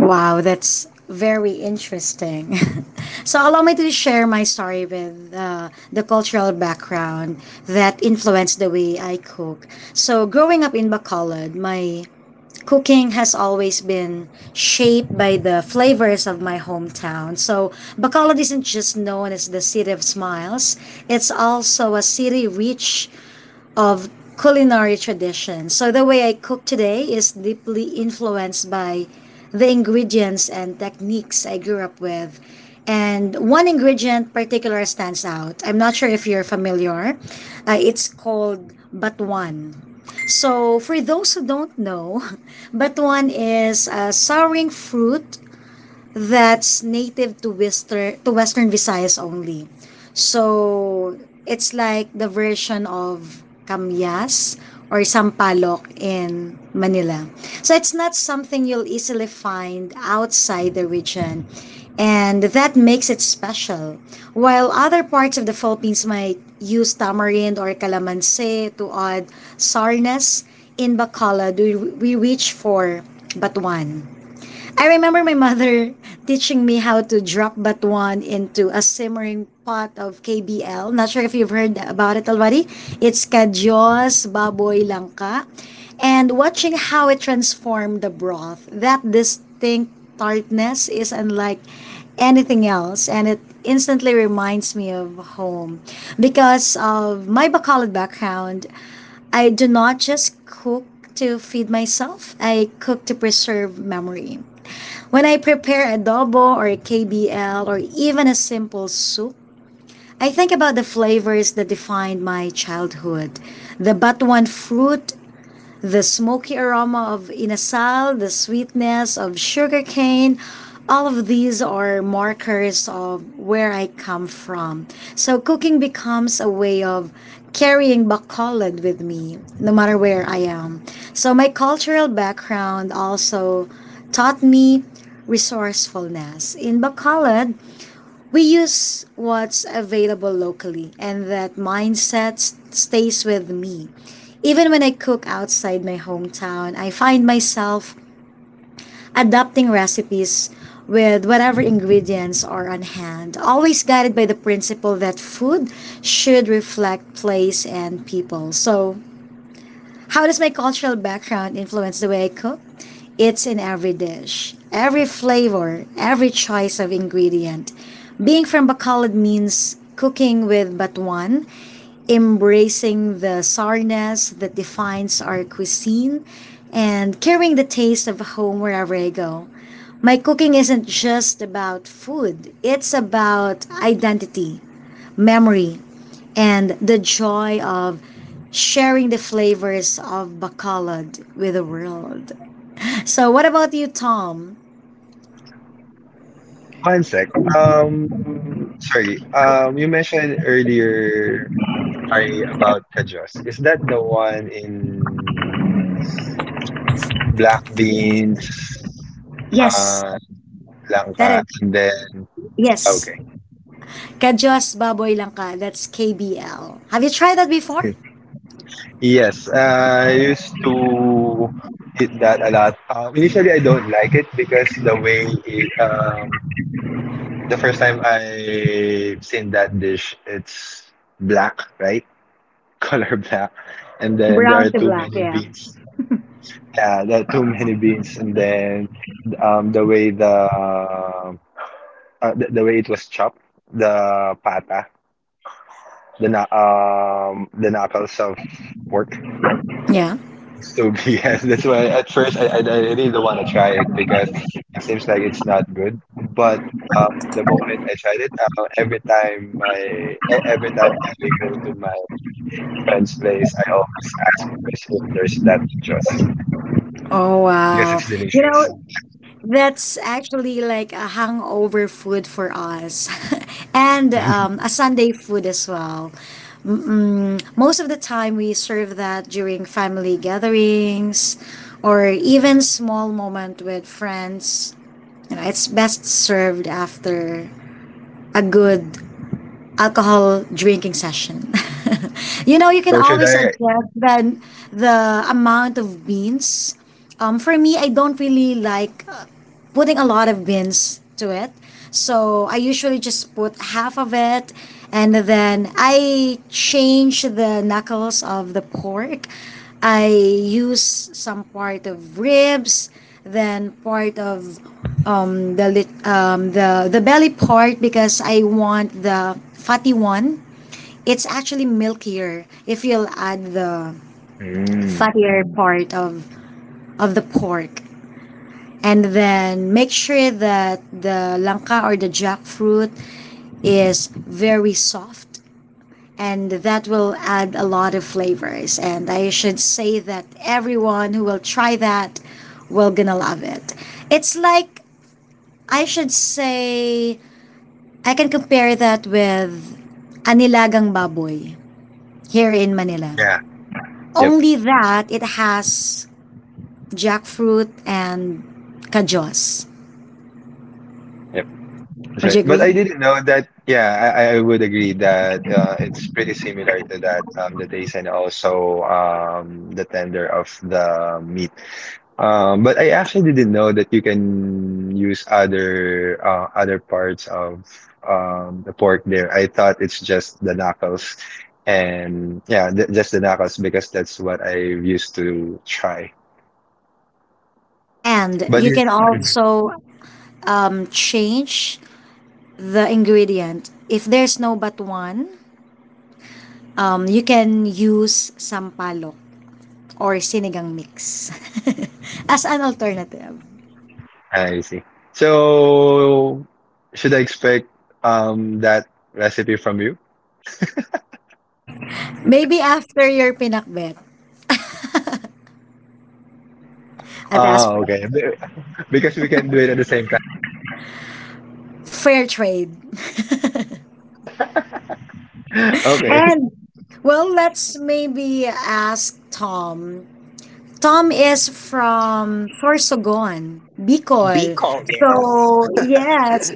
Speaker 1: Wow, that's very interesting. So, allow me to share my story with the cultural background that influenced the way I cook. So, growing up in Bacolod, my cooking has always been shaped by the flavors of my hometown. So, Bacolod isn't just known as the city of smiles, it's also a city rich of culinary tradition. So the way I cook today is deeply influenced by the ingredients and techniques I grew up with. And one ingredient particular stands out. I'm not sure if you're familiar. It's called batuan. So for those who don't know, batuan is a souring fruit that's native to Western Visayas only. So it's like the version of Kamyas or Sampalok in Manila. So it's not something you'll easily find outside the region. And that makes it special. While other parts of the Philippines might use tamarind or calamansi to add sourness, in Bacala do we reach for batuan? I remember my mother teaching me how to drop batuan into a simmering pot of KBL. Not sure if you've heard about it already. It's Kajos Baboy Langka. And watching how it transformed the broth, that distinct tartness is unlike anything else. And it instantly reminds me of home. Because of my Bacolod background, I do not just cook to feed myself, I cook to preserve memory. When I prepare adobo or KBL or even a simple soup, I think about the flavors that defined my childhood. The batuan fruit, the smoky aroma of inasal, the sweetness of sugarcane, all of these are markers of where I come from. So cooking becomes a way of carrying Bacolod with me, no matter where I am. So my cultural background also taught me resourcefulness. In Bacolod, we use what's available locally, and that mindset stays with me. Even when I cook outside my hometown, I find myself adapting recipes with whatever ingredients are on hand, always guided by the principle that food should reflect place and people. So, how does my cultural background influence the way I cook? It's in every dish, every flavor, every choice of ingredient. Being from Bacolod means cooking with batuan, embracing the sourness that defines our cuisine, and carrying the taste of home wherever I go. My cooking isn't just about food, it's about identity, memory, and the joy of sharing the flavors of Bacolod with the world. So what about you, Tom?
Speaker 4: One sec. Sorry. You mentioned earlier, sorry, about Kajos. Is that the one in black beans,
Speaker 1: Yes.
Speaker 4: uh,
Speaker 1: That
Speaker 4: langka,
Speaker 1: is,
Speaker 4: and then
Speaker 1: yes.
Speaker 4: okay.
Speaker 1: Kajos Baboy lang ka. That's KBL. Have you tried that before?
Speaker 4: Yes, I used to eat that a lot. Initially, I don't like it because the first time I seen that dish, it's black, right? Color black. And then there are
Speaker 1: Brown to
Speaker 4: too
Speaker 1: black,
Speaker 4: many
Speaker 1: yeah.
Speaker 4: beans. Yeah, there are too many beans. And then um, the way the, um, the way it was chopped, the pata, the knuckles of pork.
Speaker 1: Yeah.
Speaker 4: So yes, that's why at first, I really don't want to try it because it seems like it's not good. But the moment I tried it, every time I go to my friend's place, I always ask first if there's that just.
Speaker 1: Oh,
Speaker 4: Yes,
Speaker 1: wow.
Speaker 4: it's
Speaker 1: You
Speaker 4: delicious.
Speaker 1: know, that's actually like a hangover food for us, and a Sunday food as well. Mm, most of the time, we serve that during family gatherings or even small moment with friends. You know, it's best served after a good alcohol drinking session. You know, you can
Speaker 4: Or should
Speaker 1: always
Speaker 4: I?
Speaker 1: adjust the amount of beans. For me, I don't really like putting a lot of beans to it. So I usually just put half of it and then I change the knuckles of the pork. I use some part of ribs, then part of um, the belly part because I want the fatty one. It's actually milkier if you'll add the
Speaker 4: Mm.
Speaker 1: fattier part of the pork and then make sure that the langka or the jackfruit is very soft, and that will add a lot of flavors, and I should say that everyone who will try that will gonna love it. It's like, I should say, I can compare that with anilagang baboy here in Manila,
Speaker 4: Yeah. Yep.
Speaker 1: only that it has jackfruit and kajos.
Speaker 4: Yep. That's
Speaker 1: Would you
Speaker 4: right. But
Speaker 1: agree?
Speaker 4: I didn't know that. Yeah, I would agree that it's pretty similar to that, the taste, and also the tender of the meat. But I actually didn't know that you can use other parts of the pork there. I thought it's just the knuckles, and yeah, th just the knuckles because that's what I used to try.
Speaker 1: And
Speaker 4: But
Speaker 1: you
Speaker 4: you,
Speaker 1: can also change the ingredient. If there's no but one, you can use sampalok or sinigang mix as an alternative.
Speaker 4: I see. So, should I expect that recipe from you?
Speaker 1: Maybe after your pinakbet, I've asked
Speaker 4: Ah,
Speaker 1: for
Speaker 4: okay. Be- Because we can do it at the same time.
Speaker 1: fair trade.
Speaker 4: Okay.
Speaker 1: And well, let's maybe ask Tom. Tom is from Sorsogon, Bicol.
Speaker 5: Bicol,
Speaker 1: So,
Speaker 5: yes.
Speaker 1: yes,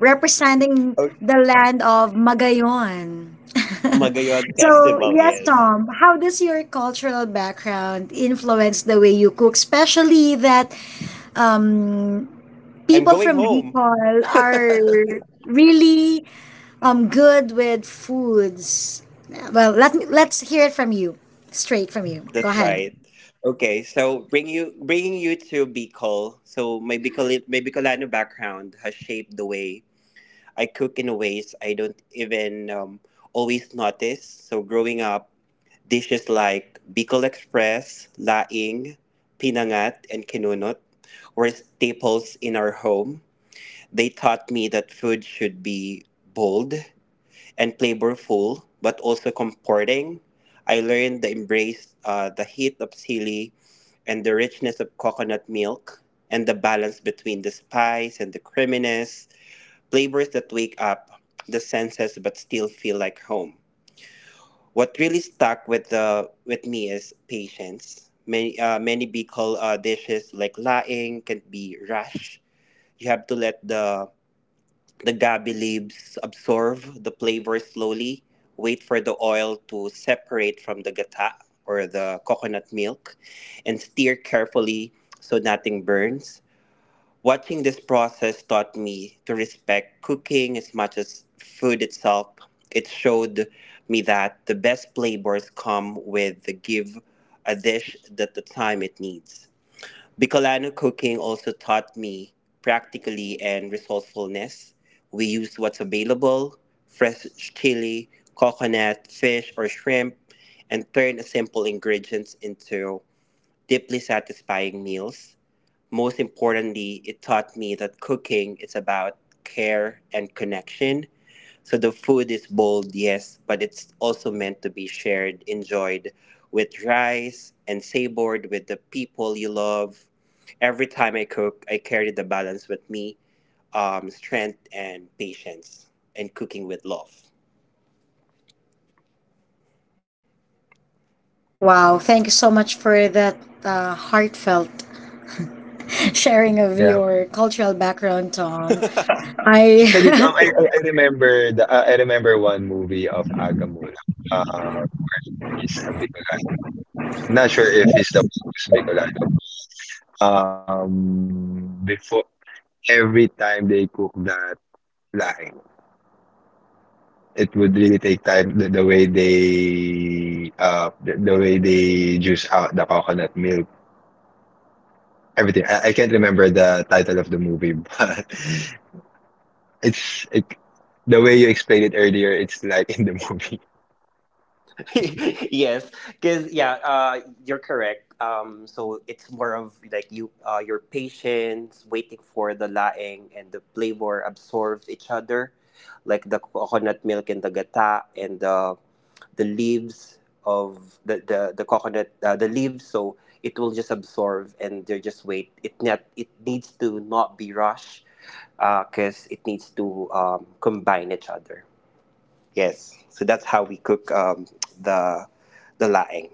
Speaker 1: representing
Speaker 5: Oh,
Speaker 1: the land of Magayon.
Speaker 5: Magayon
Speaker 1: So,
Speaker 5: Festival,
Speaker 1: yes,
Speaker 5: yes.
Speaker 1: Tom, how does your cultural background influence the way you cook, especially that um,
Speaker 5: I'm
Speaker 1: people
Speaker 5: going
Speaker 1: from
Speaker 5: home.
Speaker 1: Bicol are
Speaker 5: That's
Speaker 1: really good with foods? Well, let's hear it from you, straight from you. Go ahead.
Speaker 5: right. Okay, so bringing you to Bicol. So my Bicolano background has shaped the way I cook in ways I don't even always notice. So growing up. Dishes like Bicol Express, laing, pinangat, and kinunot were staples in our home. They taught me that food should be bold and flavorful, but also comforting. I learned to embrace the heat of sili and the richness of coconut milk and the balance between the spice and the creaminess, flavors that wake up the senses but still feel like home. What really stuck with the with me is patience. Many Bicol dishes like laing can be rash. You have to let the gabi leaves absorb the flavor slowly. Wait for the oil to separate from the gata or the coconut milk, and stir carefully so nothing burns. Watching this process taught me to respect cooking as much as food itself. It showed me that the best flavors come with the give a dish that the time it needs. Bicolano cooking also taught me practically and resourcefulness. We used what's available, fresh chili, coconut, fish, or shrimp, and turned simple ingredients into deeply satisfying meals. Most importantly, it taught me that cooking is about care and connection. So the food is bold, yes, but it's also meant to be shared, enjoyed with rice and savored with the people you love. Every time I cook, I carry the balance with me, strength and patience, and cooking with love.
Speaker 1: Wow, thank you so much for that heartfelt sharing of
Speaker 4: Yeah.
Speaker 1: your cultural background, Tom.
Speaker 4: Actually,
Speaker 1: I.
Speaker 4: Tom, I remember the I remember one movie of Aga Mula. Uh, he's a Bicolano. I'm not sure if he's the first Bicolano. Before every time they cook that line, it would really take time the way they juice out the coconut milk, everything. I can't remember the title of the movie, but it's it the way you explained it earlier, it's like in the movie.
Speaker 5: Yes, because yeah, you're correct. So it's more of like you, your patience, waiting for the laing and the flavor absorb each other, like the coconut milk and the gata and the leaves of the coconut the leaves. So it will just absorb and they just wait. It needs to not be rushed because it needs to combine each other. Yes. So that's how we cook the the laing.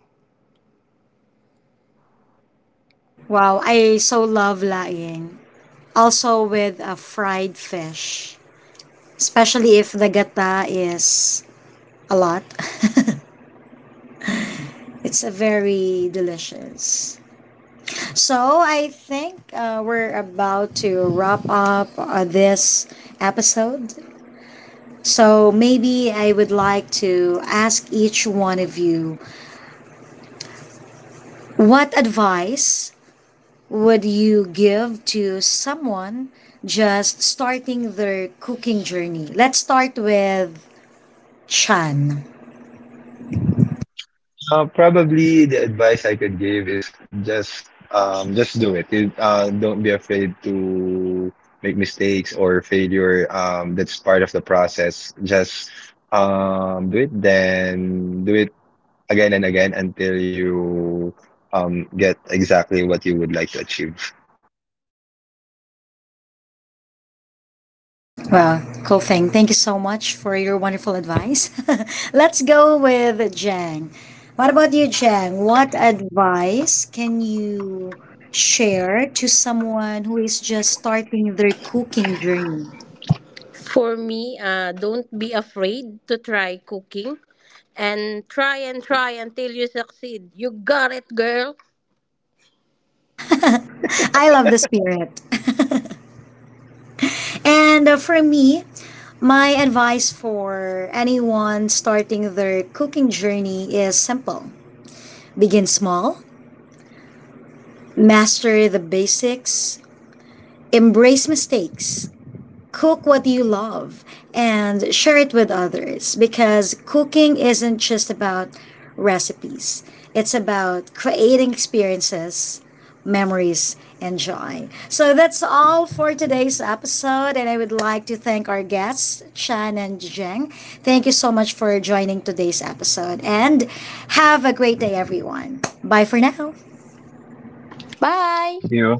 Speaker 1: Wow, I so love laing. Also with a fried fish, especially if the gata is a lot. It's a very delicious. So I think we're about to wrap up this episode. So maybe I would like to ask each one of you what advice would you give to someone just starting their cooking journey? Let's start with Chan.
Speaker 4: Probably the advice I could give is just do it. Don't be afraid to make mistakes or failure. That's part of the process. Just do it, then do it again and again until you get exactly what you would like to achieve.
Speaker 1: Well, cool thing. Thank you so much for your wonderful advice. Let's go with Jang. What about you, Jang? What advice can you share to someone who is just starting their cooking journey?
Speaker 2: For me, don't be afraid to try cooking and try until you succeed. You got it, girl.
Speaker 1: I love the spirit. And for me, my advice for anyone starting their cooking journey is simple: begin small, master the basics, embrace mistakes, cook what you love and share it with others because cooking isn't just about recipes, it's about creating experiences, memories, and joy. So that's all for today's episode, and I would like to thank our guests, Chan and Zheng. Thank you so much for joining today's episode, and have a great day, everyone. Bye for now.
Speaker 2: Bye!
Speaker 4: You.